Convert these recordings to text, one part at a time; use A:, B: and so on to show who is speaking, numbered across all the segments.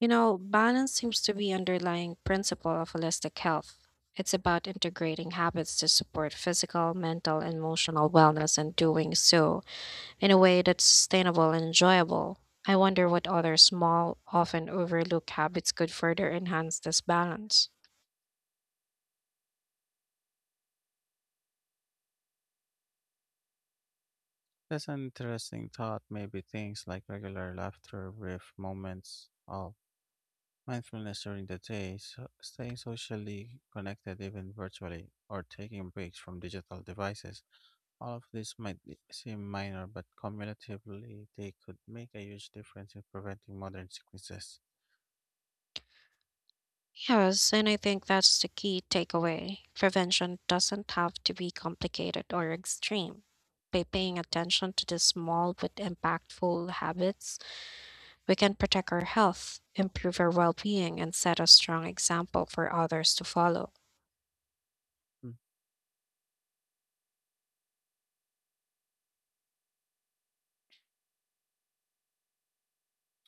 A: You know, balance seems to be underlying principle of holistic health. It's about integrating habits to support physical, mental, and emotional wellness and doing so in a way that's sustainable and enjoyable. I wonder what other small, often overlooked habits could further enhance this balance.
B: That's an interesting thought. Maybe things like regular laughter, brief moments of mindfulness during the day, so staying socially connected even virtually, or taking breaks from digital devices. All of these seem minor, but cumulatively, they could make a huge difference in preventing modern sicknesses.
A: Yes, and I think that's the key takeaway. Prevention doesn't have to be complicated or extreme. By paying attention to the small but impactful habits, we can protect our health, improve our well being, and set a strong example for others to follow.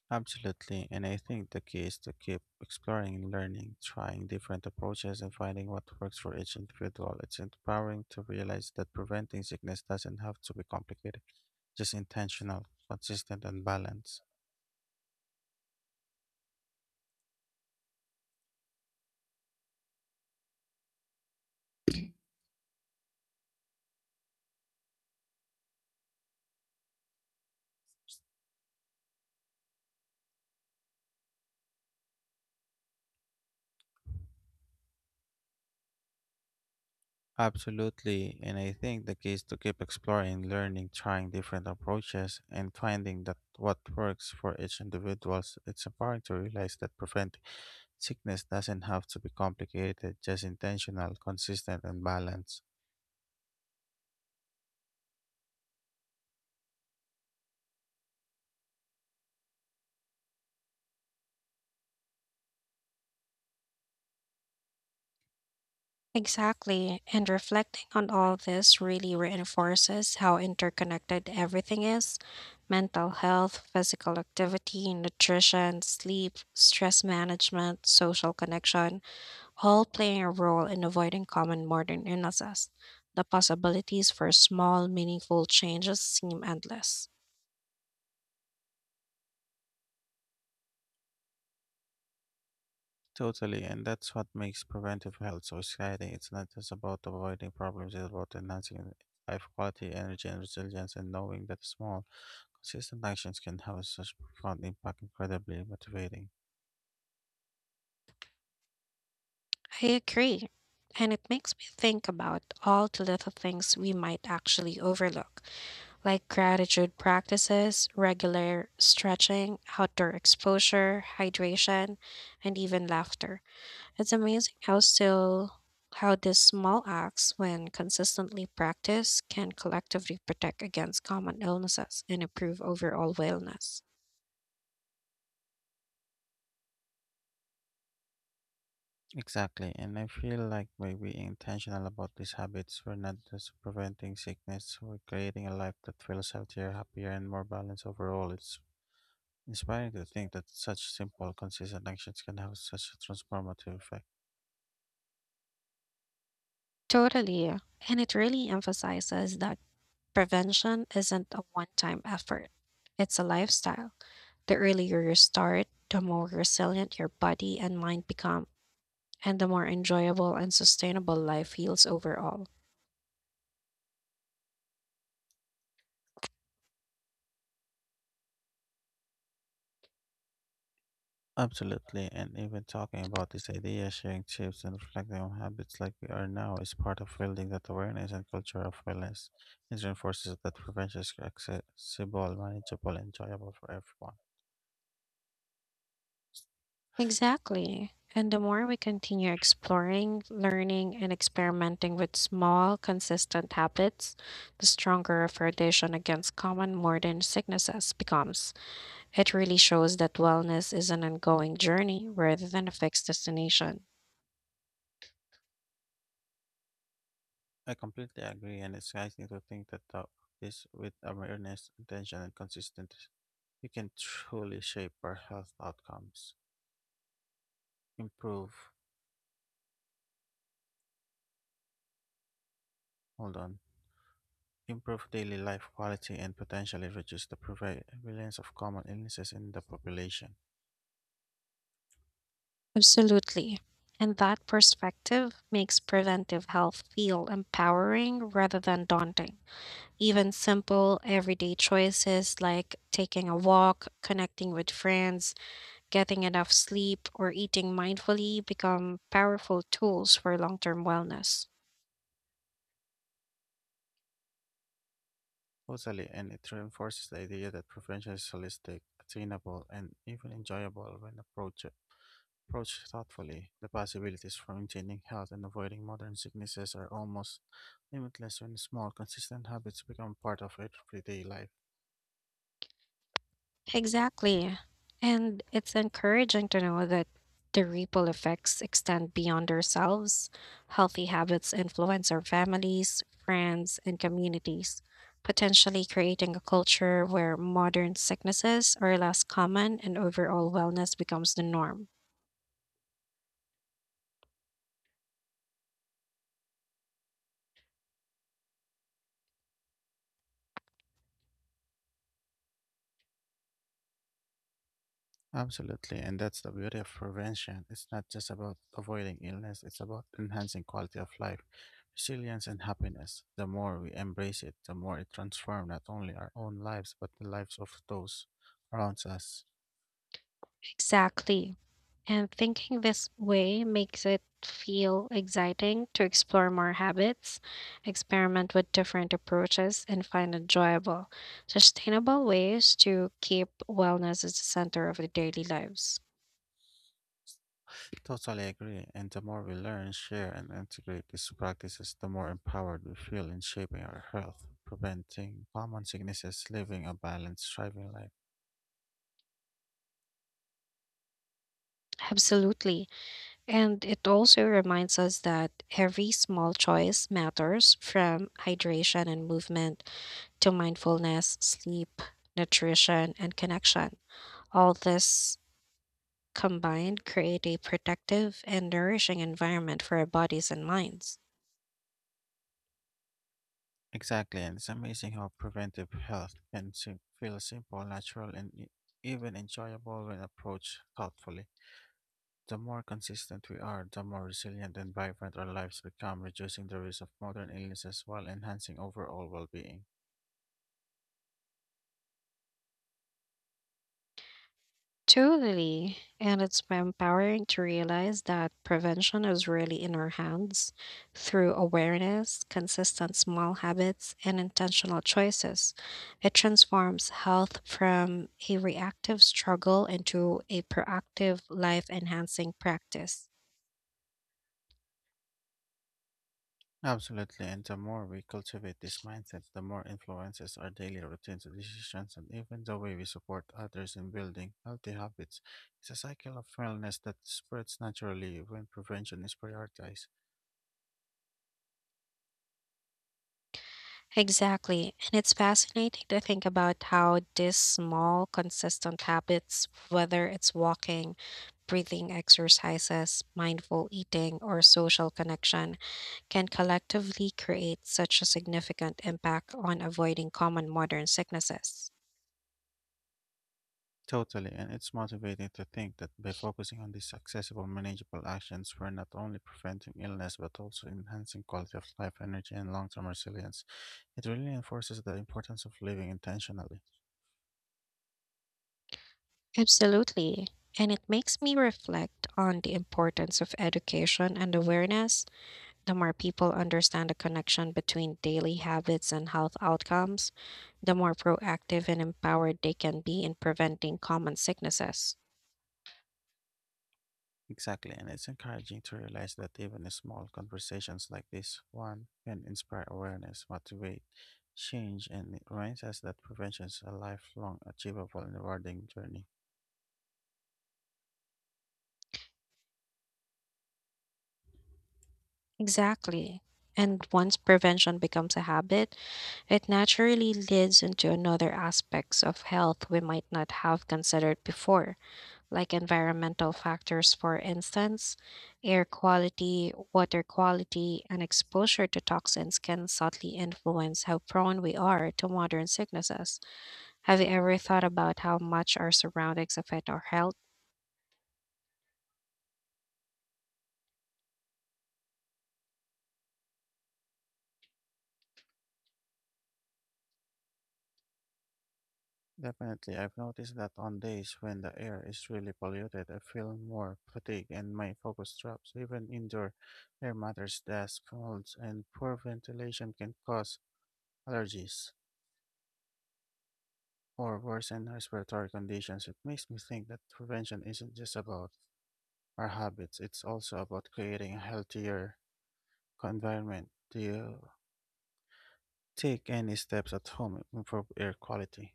B: Absolutely, and I think the key is to keep exploring, learning, trying different approaches, and finding what works for each individual. It's empowering to realize that preventing sickness doesn't have to be complicated, just intentional, consistent, and balanced. Absolutely, and I think the key is to keep exploring, learning, trying different approaches, and finding that what works for each individual. It's empowering to realize that preventing sickness doesn't have to be complicated, just intentional, consistent, and balanced.
A: Exactly. And reflecting on all this really reinforces how interconnected everything is: mental health, physical activity, nutrition, sleep, stress management, social connection, all playing a role in avoiding common modern illnesses. The possibilities for small, meaningful changes seem endless.
B: Totally, and that's what makes preventive health so exciting. It's not just about avoiding problems, it's about enhancing life quality, energy, and resilience, and knowing that small, consistent actions can have such profound impact. Incredibly motivating.
A: I agree. And it makes me think about all the little things we might actually overlook, like gratitude practices, regular stretching, outdoor exposure, hydration, and even laughter. It's amazing how these small acts, when consistently practiced, can collectively protect against common illnesses and improve overall wellness.
B: Exactly, and I feel like by being intentional about these habits, we're not just preventing sickness, we're creating a life that feels healthier, happier, and more balanced overall. It's inspiring to think that such simple, consistent actions can have such a transformative effect.
A: Totally. And it really emphasizes that prevention isn't a one time effort, it's a lifestyle. The earlier you start, the more resilient your body and mind become, and the more enjoyable and sustainable life feels overall.
B: Absolutely, and even talking about this idea, sharing tips, and reflecting on habits like we are now is part of building that awareness and culture of wellness. It reinforces that prevention is accessible, manageable, and enjoyable for everyone.
A: Exactly. And the more we continue exploring, learning, and experimenting with small, consistent habits, the stronger our foundation against common modern sicknesses becomes. It really shows that wellness is an ongoing journey rather than a fixed destination.
B: I completely agree, and it's exciting to think that with awareness, intention, and consistency, we can truly shape our health outcomes, improve, hold on, improve daily life quality, and potentially reduce the prevalence of common illnesses in the population.
A: Absolutely. And that perspective makes preventive health feel empowering rather than daunting. Even simple everyday choices like taking a walk, connecting with friends, getting enough sleep, or eating mindfully become powerful tools for long term wellness.
B: Totally, and it reinforces the idea that prevention is holistic, attainable, and even enjoyable when approached thoughtfully. The possibilities for maintaining health and avoiding modern sicknesses are almost limitless when small, consistent habits become part of everyday life.
A: Exactly. And it's encouraging to know that the ripple effects extend beyond ourselves. Healthy habits influence our families, friends, and communities, potentially creating a culture where modern sicknesses are less common and overall wellness becomes the norm.
B: Absolutely, and that's the beauty of prevention. It's not just about avoiding illness, it's about enhancing quality of life, resilience, and happiness. The more we embrace it, the more it transforms not only our own lives, but the lives of those around us.
A: Exactly. And thinking this way makes it feel exciting to explore more habits, experiment with different approaches, and find enjoyable, sustainable ways to keep wellness at the center of our daily lives.
B: Totally agree. And the more we learn, share, and integrate these practices, the more empowered we feel in shaping our health, preventing common sicknesses, living a balanced, thriving life.
A: Absolutely. And it also reminds us that every small choice matters, from hydration and movement to mindfulness, sleep, nutrition, and connection. All this combined create a protective and nourishing environment for our bodies and minds.
B: Exactly. And it's amazing how preventive health can feel simple, natural, and even enjoyable when approached thoughtfully. The more consistent we are, the more resilient and vibrant our lives become, reducing the risk of modern illnesses while enhancing overall well being.
A: Totally. And it's empowering to realize that prevention is really in our hands through awareness, consistent small habits, and intentional choices. It transforms health from a reactive struggle into a proactive, life enhancing practice.
B: Absolutely, and the more we cultivate this mindset, the more influences our daily routines, decisions, and even the way we support others in building healthy habits. It's a cycle of wellness that spreads naturally when prevention is prioritized.
A: Exactly. And it's fascinating to think about how these small, consistent habits, whether it's walking, breathing exercises, mindful eating, or social connection, can collectively create such a significant impact on avoiding common modern sicknesses.
B: Totally, and it's motivating to think that by focusing on these accessible, manageable actions, we're not only preventing illness but also enhancing quality of life, energy, and long term resilience. It really reinforces the importance of living intentionally.
A: Absolutely. And it makes me reflect on the importance of education and awareness. The more people understand the connection between daily habits and health outcomes, the more proactive and empowered they can be in preventing common sicknesses.
B: Exactly, and it's encouraging to realize that even small conversations like this one can inspire awareness, motivate change, and it reminds us that prevention is a lifelong, achievable, and rewarding journey.
A: Exactly. And once prevention becomes a habit, it naturally leads into another aspects of health we might not have considered before, like environmental factors, for instance. Air quality, water quality, and exposure to toxins can subtly influence how prone we are to modern sicknesses. Have you ever thought about how much our surroundings affect our health?
B: Definitely, I've noticed that on days when the air is really polluted, I feel more fatigued and my focus drops. Even indoor air matters, dust, molds, and poor ventilation can cause allergies or worsen respiratory conditions. It makes me think that prevention isn't just about our habits. It's also about creating a healthier environment. Do you take any steps at home to improve air quality?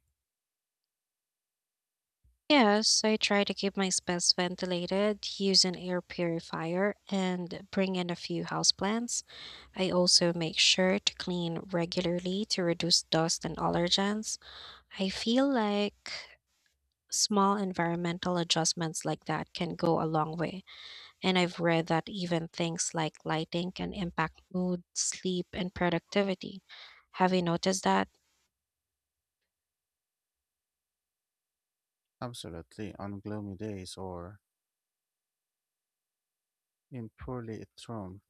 A: Yes, I try to keep my space ventilated, use an air purifier, and bring in a few houseplants. I also make sure to clean regularly to reduce dust and allergens. I feel like small environmental adjustments like that can go a long way. And I've read that even things like lighting can impact mood, sleep, and productivity. Have you noticed that
B: Absolutely. On gloomy days or in poorly lit room,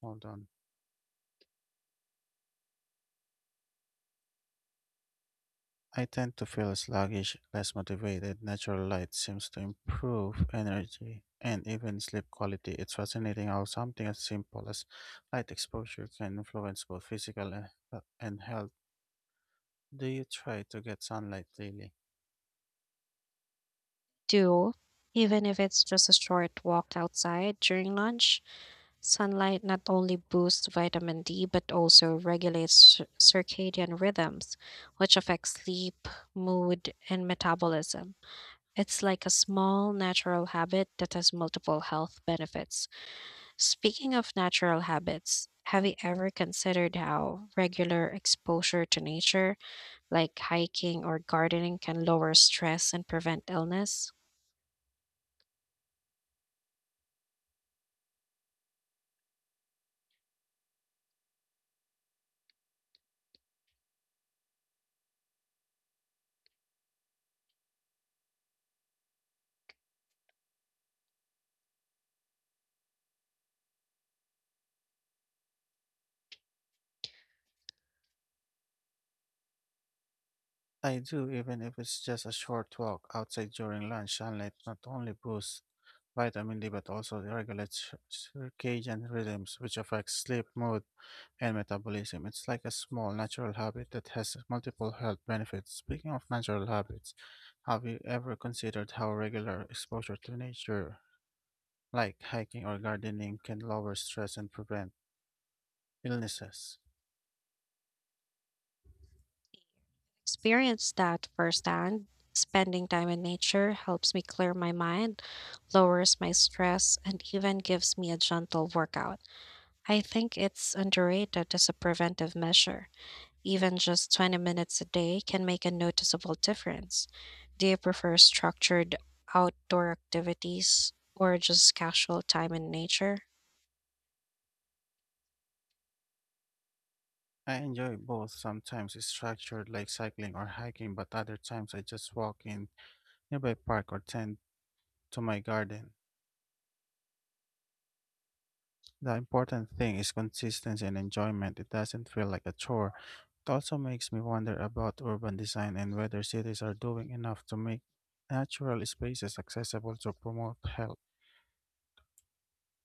B: hold on. I tend to feel sluggish, less motivated. Natural light seems to improve energy and even sleep quality. It's fascinating how something as simple as light exposure can influence both physical and health. Do you try to get sunlight daily?
A: too? Even if it's just a short walk outside during lunch, sunlight not only boosts vitamin D but also regulates circadian rhythms, which affects sleep, mood, and metabolism. It's like a small natural habit that has multiple health benefits. Speaking of natural habits, have you ever considered how regular exposure to nature, like hiking or gardening, can lower stress and prevent illness?
B: I do, even if it's just a short walk outside during lunch. Sunlight not only boosts vitamin D but also regulates circadian rhythms, which affects sleep, mood, and metabolism. It's like a small natural habit that has multiple health benefits. Speaking of natural habits, have you ever considered how regular exposure to nature, like hiking or gardening, can lower stress and prevent illnesses?
A: Experience that firsthand. Spending time in nature helps me clear my mind, lowers my stress, and even gives me a gentle workout. I think it's underrated as a preventive measure. Even just 20 minutes a day can make a noticeable difference. Do you prefer structured outdoor activities or just casual time in nature?
B: I enjoy both. Sometimes it's structured like cycling or hiking, but other times I just walk in nearby park or tend to my garden. The important thing is consistency and enjoyment. It doesn't feel like a chore. It also makes me wonder about urban design and whether cities are doing enough to make natural spaces accessible to promote health.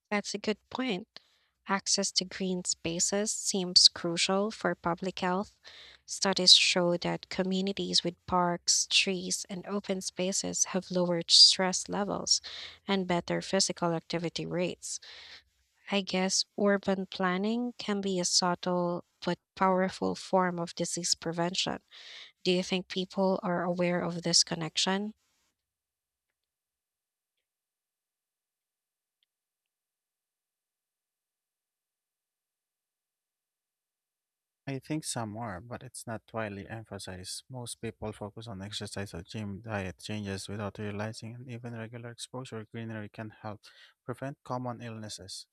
A: That's a good point. Access to green spaces seems crucial for public health. Studies show that communities with parks, trees, and open spaces have lower stress levels and better physical activity rates. I guess urban planning can be a subtle but powerful form of disease prevention. Do you think people are aware of this connection?
B: I think some are, but it's not widely emphasized. Most people focus on exercise or gym diet changes without realizing and even regular exposure to greenery can help prevent common illnesses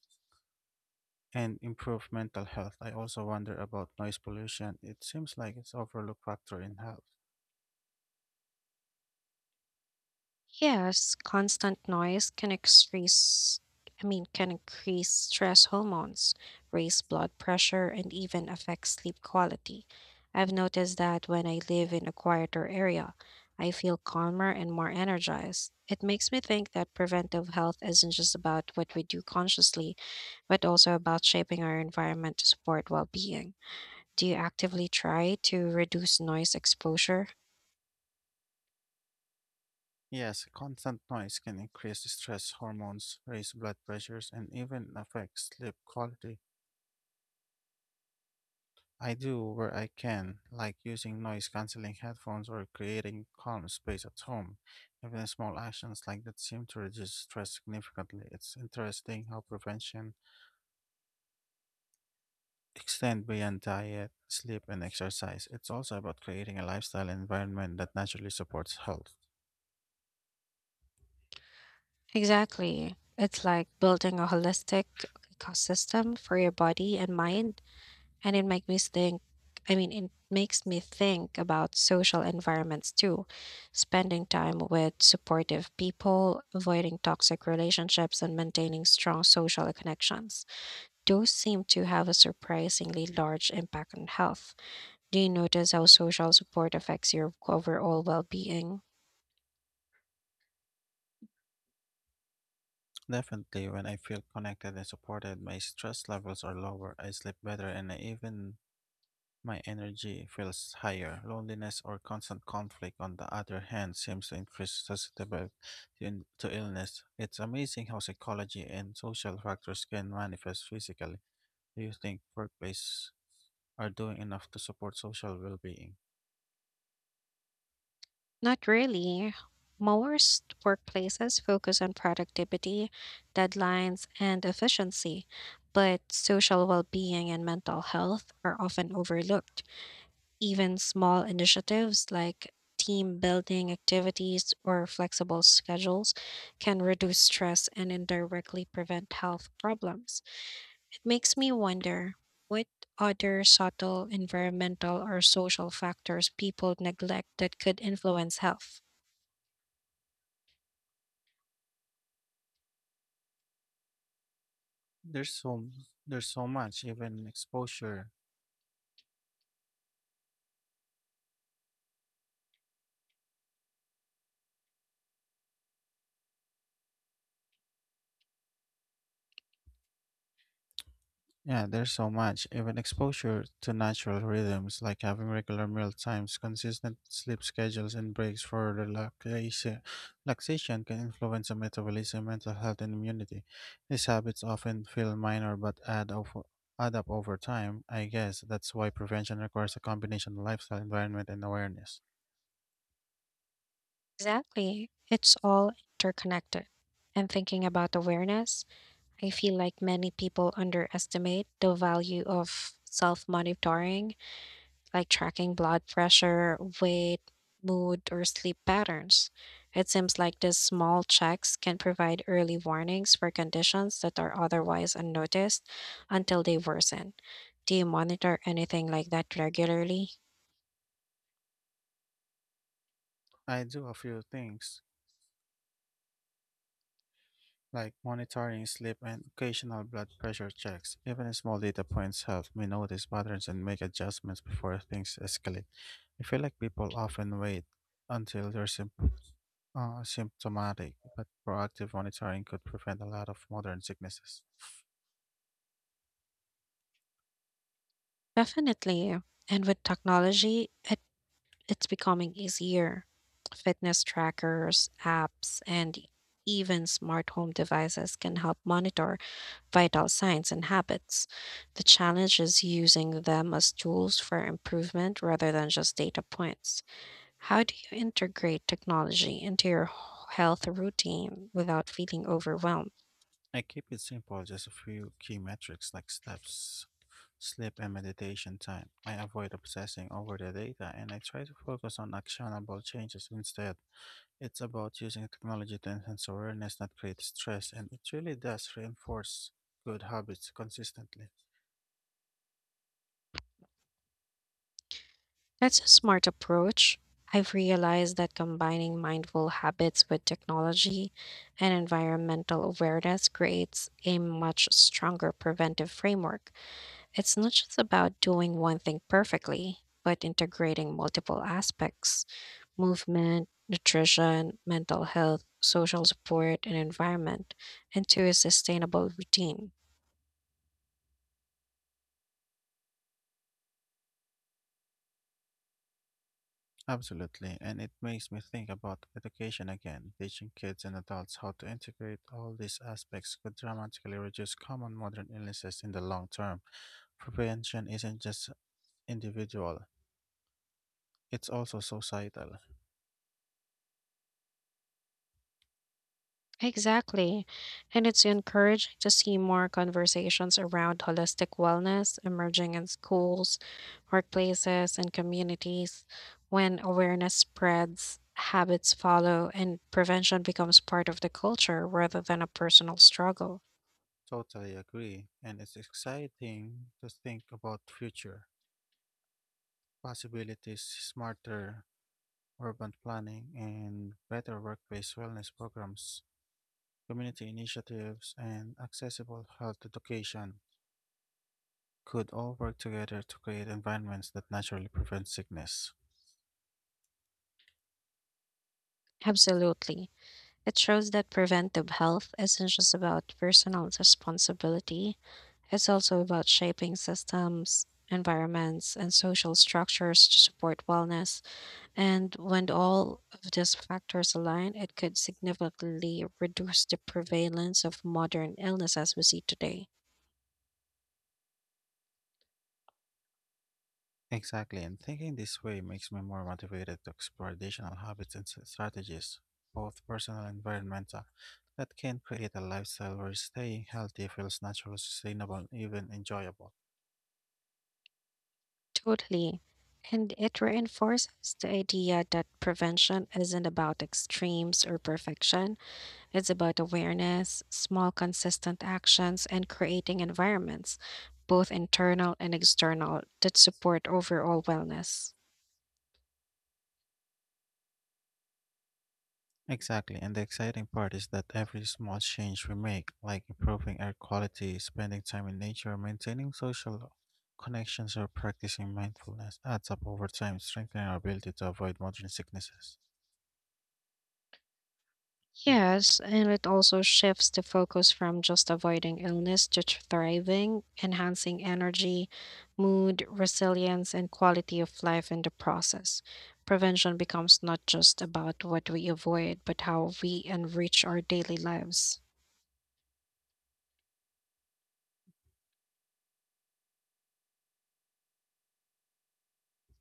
B: and improve mental health. I also wonder about noise pollution. It seems like it's overlooked factor in health.
A: Yes, constant noise can increase, can increase stress hormones, raise blood pressure and even affect sleep quality. I've noticed that when I live in a quieter area, I feel calmer and more energized. It makes me think that preventive health isn't just about what we do consciously but also about shaping our environment to support well being. Do you actively try to reduce noise exposure?
B: Yes, constant noise can increase stress hormones, raise blood pressures, and even affect sleep quality. I do where I can, like using noise canceling headphones or creating calm space at home. Even small actions like that seem to reduce stress significantly. It's interesting how prevention extend beyond diet, sleep, and exercise. It's also about creating a lifestyle environment that naturally supports health.
A: Exactly. It's like building a holistic ecosystem for your body and mind. And it makes me think about social environments too, spending time with supportive people, avoiding toxic relationships, and maintaining strong social connections. Those seem to have a surprisingly large impact on health. Do you notice how social support affects your overall well being?
B: Definitely, when I feel connected and supported, my stress levels are lower, I sleep better, and I even my energy feels higher. Loneliness or constant conflict, on the other hand, seems to increase susceptibility to illness. It's amazing how psychology and social factors can manifest physically. Do you think workplaces are doing enough to support social well being?
A: Not really. Most workplaces focus on productivity, deadlines, and efficiency, but social well being and mental health are often overlooked. Even small initiatives like team building activities or flexible schedules can reduce stress and indirectly prevent health problems. Makes me wonder what other subtle environmental or social factors people neglect that could influence health.
B: There's so there's so much even exposure. Yeah, there's so much even exposure to natural rhythms like having regular meal times, consistent sleep schedules, and breaks for relaxation can influence the metabolism, mental health, and immunity. These habits often feel minor but add up over time. I guess that's why prevention requires a combination of lifestyle, environment, and awareness.
A: Exactly. It's all interconnected. And thinking about awareness, I feel like many people underestimate the value of self monitoring, like tracking blood pressure, weight, mood, or sleep patterns. It seems like these small checks can provide early warnings for conditions that are otherwise unnoticed until they worsen. Do you monitor anything like that regularly?
B: I do a few things like monitoring sleep and occasional blood pressure checks. Even small data points help me notice patterns and make adjustments before things escalate. I feel like people often wait until they're symptomatic, but proactive monitoring could prevent a lot of modern sicknesses.
A: Definitely. And with technology, it's becoming easier. Fitness trackers, apps, and even smart home devices can help monitor vital signs and habits. The challenge is using them as tools for improvement rather than just data points. How do you integrate technology into your health routine without feeling overwhelmed?
B: I keep it simple, just a few key metrics like steps, sleep, and meditation time. I avoid obsessing over the data and I try to focus on actionable changes instead. It's about using technology to enhance awareness, not create stress, and it really does reinforce good habits consistently.
A: That's a smart approach. I've realized that combining mindful habits with technology and environmental awareness creates a much stronger preventive framework. It's not just about doing one thing perfectly, but integrating multiple aspects: movement, nutrition, mental health, social support, and environment into a sustainable routine.
B: Absolutely, and it makes me think about education again. Teaching kids and adults how to integrate all these aspects could dramatically reduce common modern illnesses in the long term. Prevention isn't just individual, it's also societal.
A: Exactly. And it's encouraging to see more conversations around holistic wellness emerging in schools, workplaces, and communities. When awareness spreads, habits follow, and prevention becomes part of the culture rather than a personal struggle.
B: Totally agree, and it's exciting to think about future possibilities smarter urban planning, and better workplace wellness programs, community initiatives, and accessible health education could all work together to create environments that naturally prevent sickness.
A: Absolutely. It shows that preventive health isn't just about personal responsibility, it's also about shaping systems, environments, and social structures to support wellness. And when all of these factors align, it could significantly reduce the prevalence of modern illness as we see today.
B: Exactly, and thinking this way makes me more motivated to explore additional habits and strategies, both personal and environmental, that can create a lifestyle where staying healthy feels natural, sustainable, and even enjoyable.
A: Totally. And it reinforces the idea that prevention isn't about extremes or perfection. It's about awareness, small, consistent actions, and creating environments, both internal and external, that support overall wellness.
B: Exactly, and the exciting part is that every small change we make, like improving air quality, spending time in nature, maintaining social connections, or practicing mindfulness, adds up over time, strengthening our ability to avoid modern sicknesses. Mm.
A: Yes, and it also shifts the focus from just avoiding illness to thriving, enhancing energy, mood, resilience, and quality of life in the process. Prevention becomes not just about what we avoid, but how we enrich our daily lives.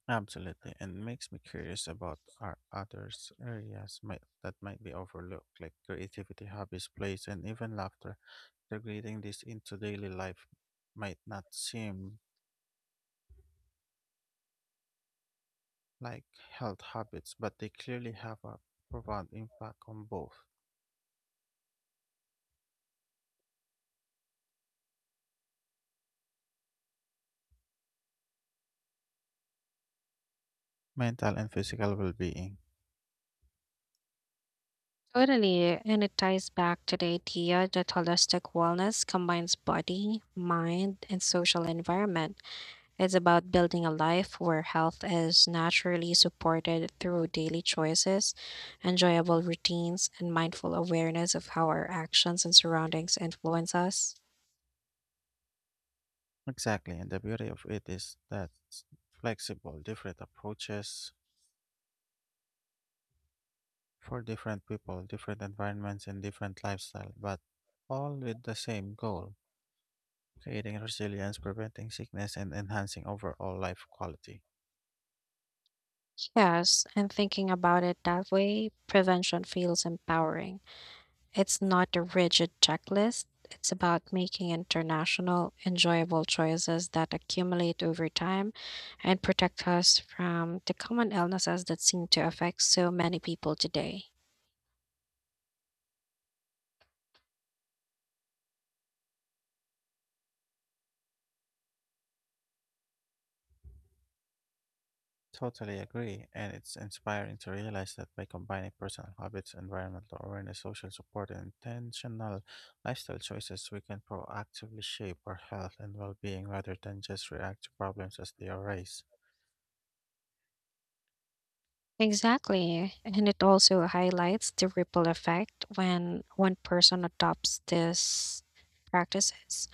B: Absolutely, and makes me curious about our others areas might, that might be overlooked, like creativity, hobbies, plays, and even laughter. Integrating this into daily life might not seem like health habits, but they clearly have a profound impact on both mental and physical well being.
A: Totally. And it ties back to the idea that holistic wellness combines body, mind, and social environment. It's about building a life where health is naturally supported through daily choices, enjoyable routines, and mindful awareness of how our actions and surroundings influence us.
B: Exactly, and the beauty of it is that it's flexible, different approaches for different people, different environments, and different lifestyle, but all with the same goal creating resilience, preventing sickness, and enhancing overall life quality.
A: Yes, and thinking about it that way, prevention feels empowering. It's not a rigid checklist. It's about making international, enjoyable choices that accumulate over time and protect us from the common illnesses that seem to affect so many people today.
B: Totally agree, and it's inspiring to realize that by combining personal habits, environmental awareness, social support, and intentional lifestyle choices, we can proactively shape our health and well being rather than just react to problems as they arise.
A: Exactly. And it also highlights the ripple effect when one person adopts these practices.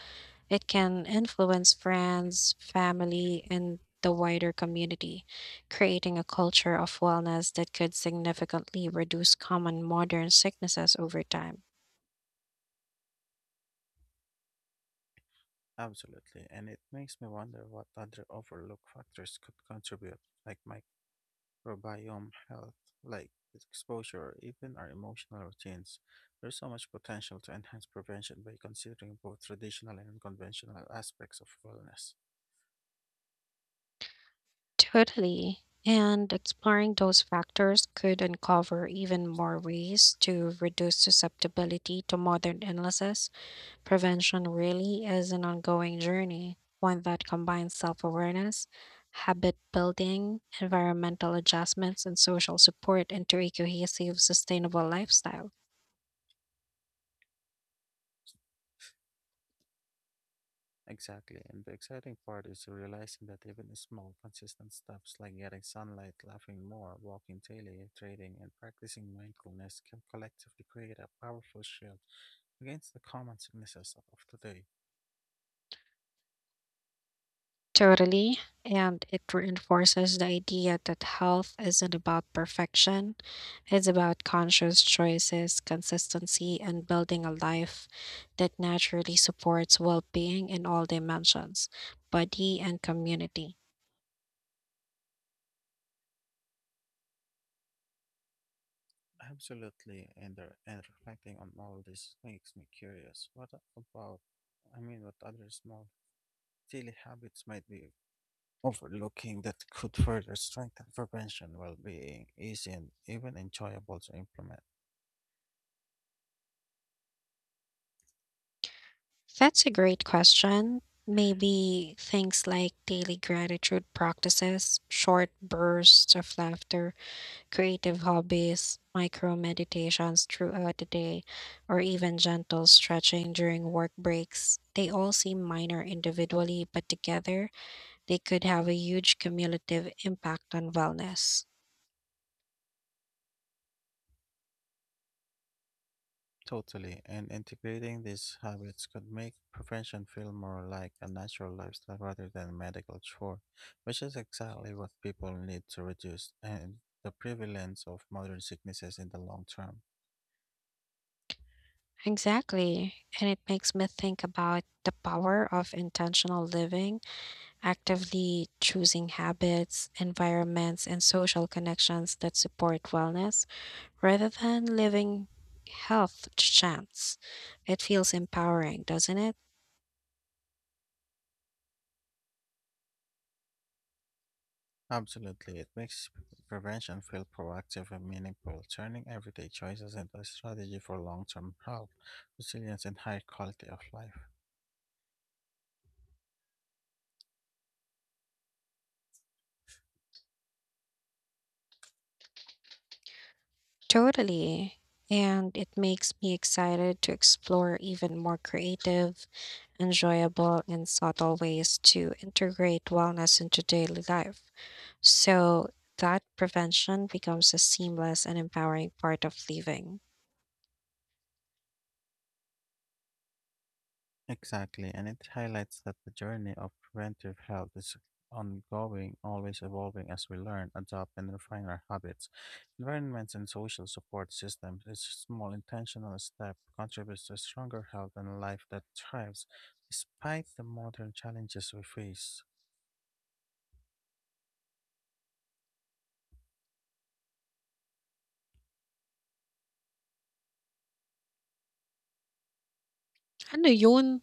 A: It can influence friends, family, and the wider community, creating a culture of wellness that could significantly reduce common modern sicknesses over time.
B: Absolutely, and it makes me wonder what other overlooked factors could contribute, like microbiome health, like exposure, or even our emotional routines. There's so much potential to enhance prevention by considering both traditional and conventional aspects of wellness.
A: Totally. And exploring those factors could uncover even more ways to reduce susceptibility to modern illnesses. Prevention really is an ongoing journey, one that combines self awareness, habit building, environmental adjustments, and social support into a cohesive, sustainable lifestyle.
B: Exactly. And the exciting part is realizing that even small, consistent steps like getting sunlight, laughing more, walking daily, trading, and practicing mindfulness can collectively create a powerful shield against the common sicknesses of today.
A: Totally. And it reinforces the idea that health isn't about perfection, it's about conscious choices, consistency, and building a life that naturally supports well being in all dimensions, body and community.
B: Absolutely. And reflecting on all this makes me curious. What about, I mean, what other small daily habits might be overlooking that could further strengthen prevention, well being, easy, and even enjoyable to implement?
A: That's a great question. Maybe things like daily gratitude practices, short bursts of laughter, creative hobbies, micro meditations throughout the day, or even gentle stretching during work breaks. They all seem minor individually, but together they could have a huge cumulative impact on wellness.
B: Totally, and integrating these habits could make prevention feel more like a natural lifestyle rather than a medical chore, which is exactly what people need to reduce and the prevalence of modern sicknesses in the long term.
A: Exactly. And it makes me think about the power of intentional living, actively choosing habits, environments, and social connections that support wellness rather than living health to chance. It feels empowering, doesn't it?
B: Absolutely, it makes prevention feel proactive and meaningful, turning everyday choices into a strategy for long term health, resilience, and high quality of life.
A: Totally. And it makes me excited to explore even more creative, enjoyable, and subtle ways to integrate wellness into daily life, so that prevention becomes a seamless and empowering part of living.
B: Exactly, and it highlights that the journey of preventive health is ongoing, always evolving as we learn, adopt, and refine our habits. Environments and social support systems, each small intentional step contributes to stronger health and a life that thrives despite the modern challenges we face.
A: Ano yun?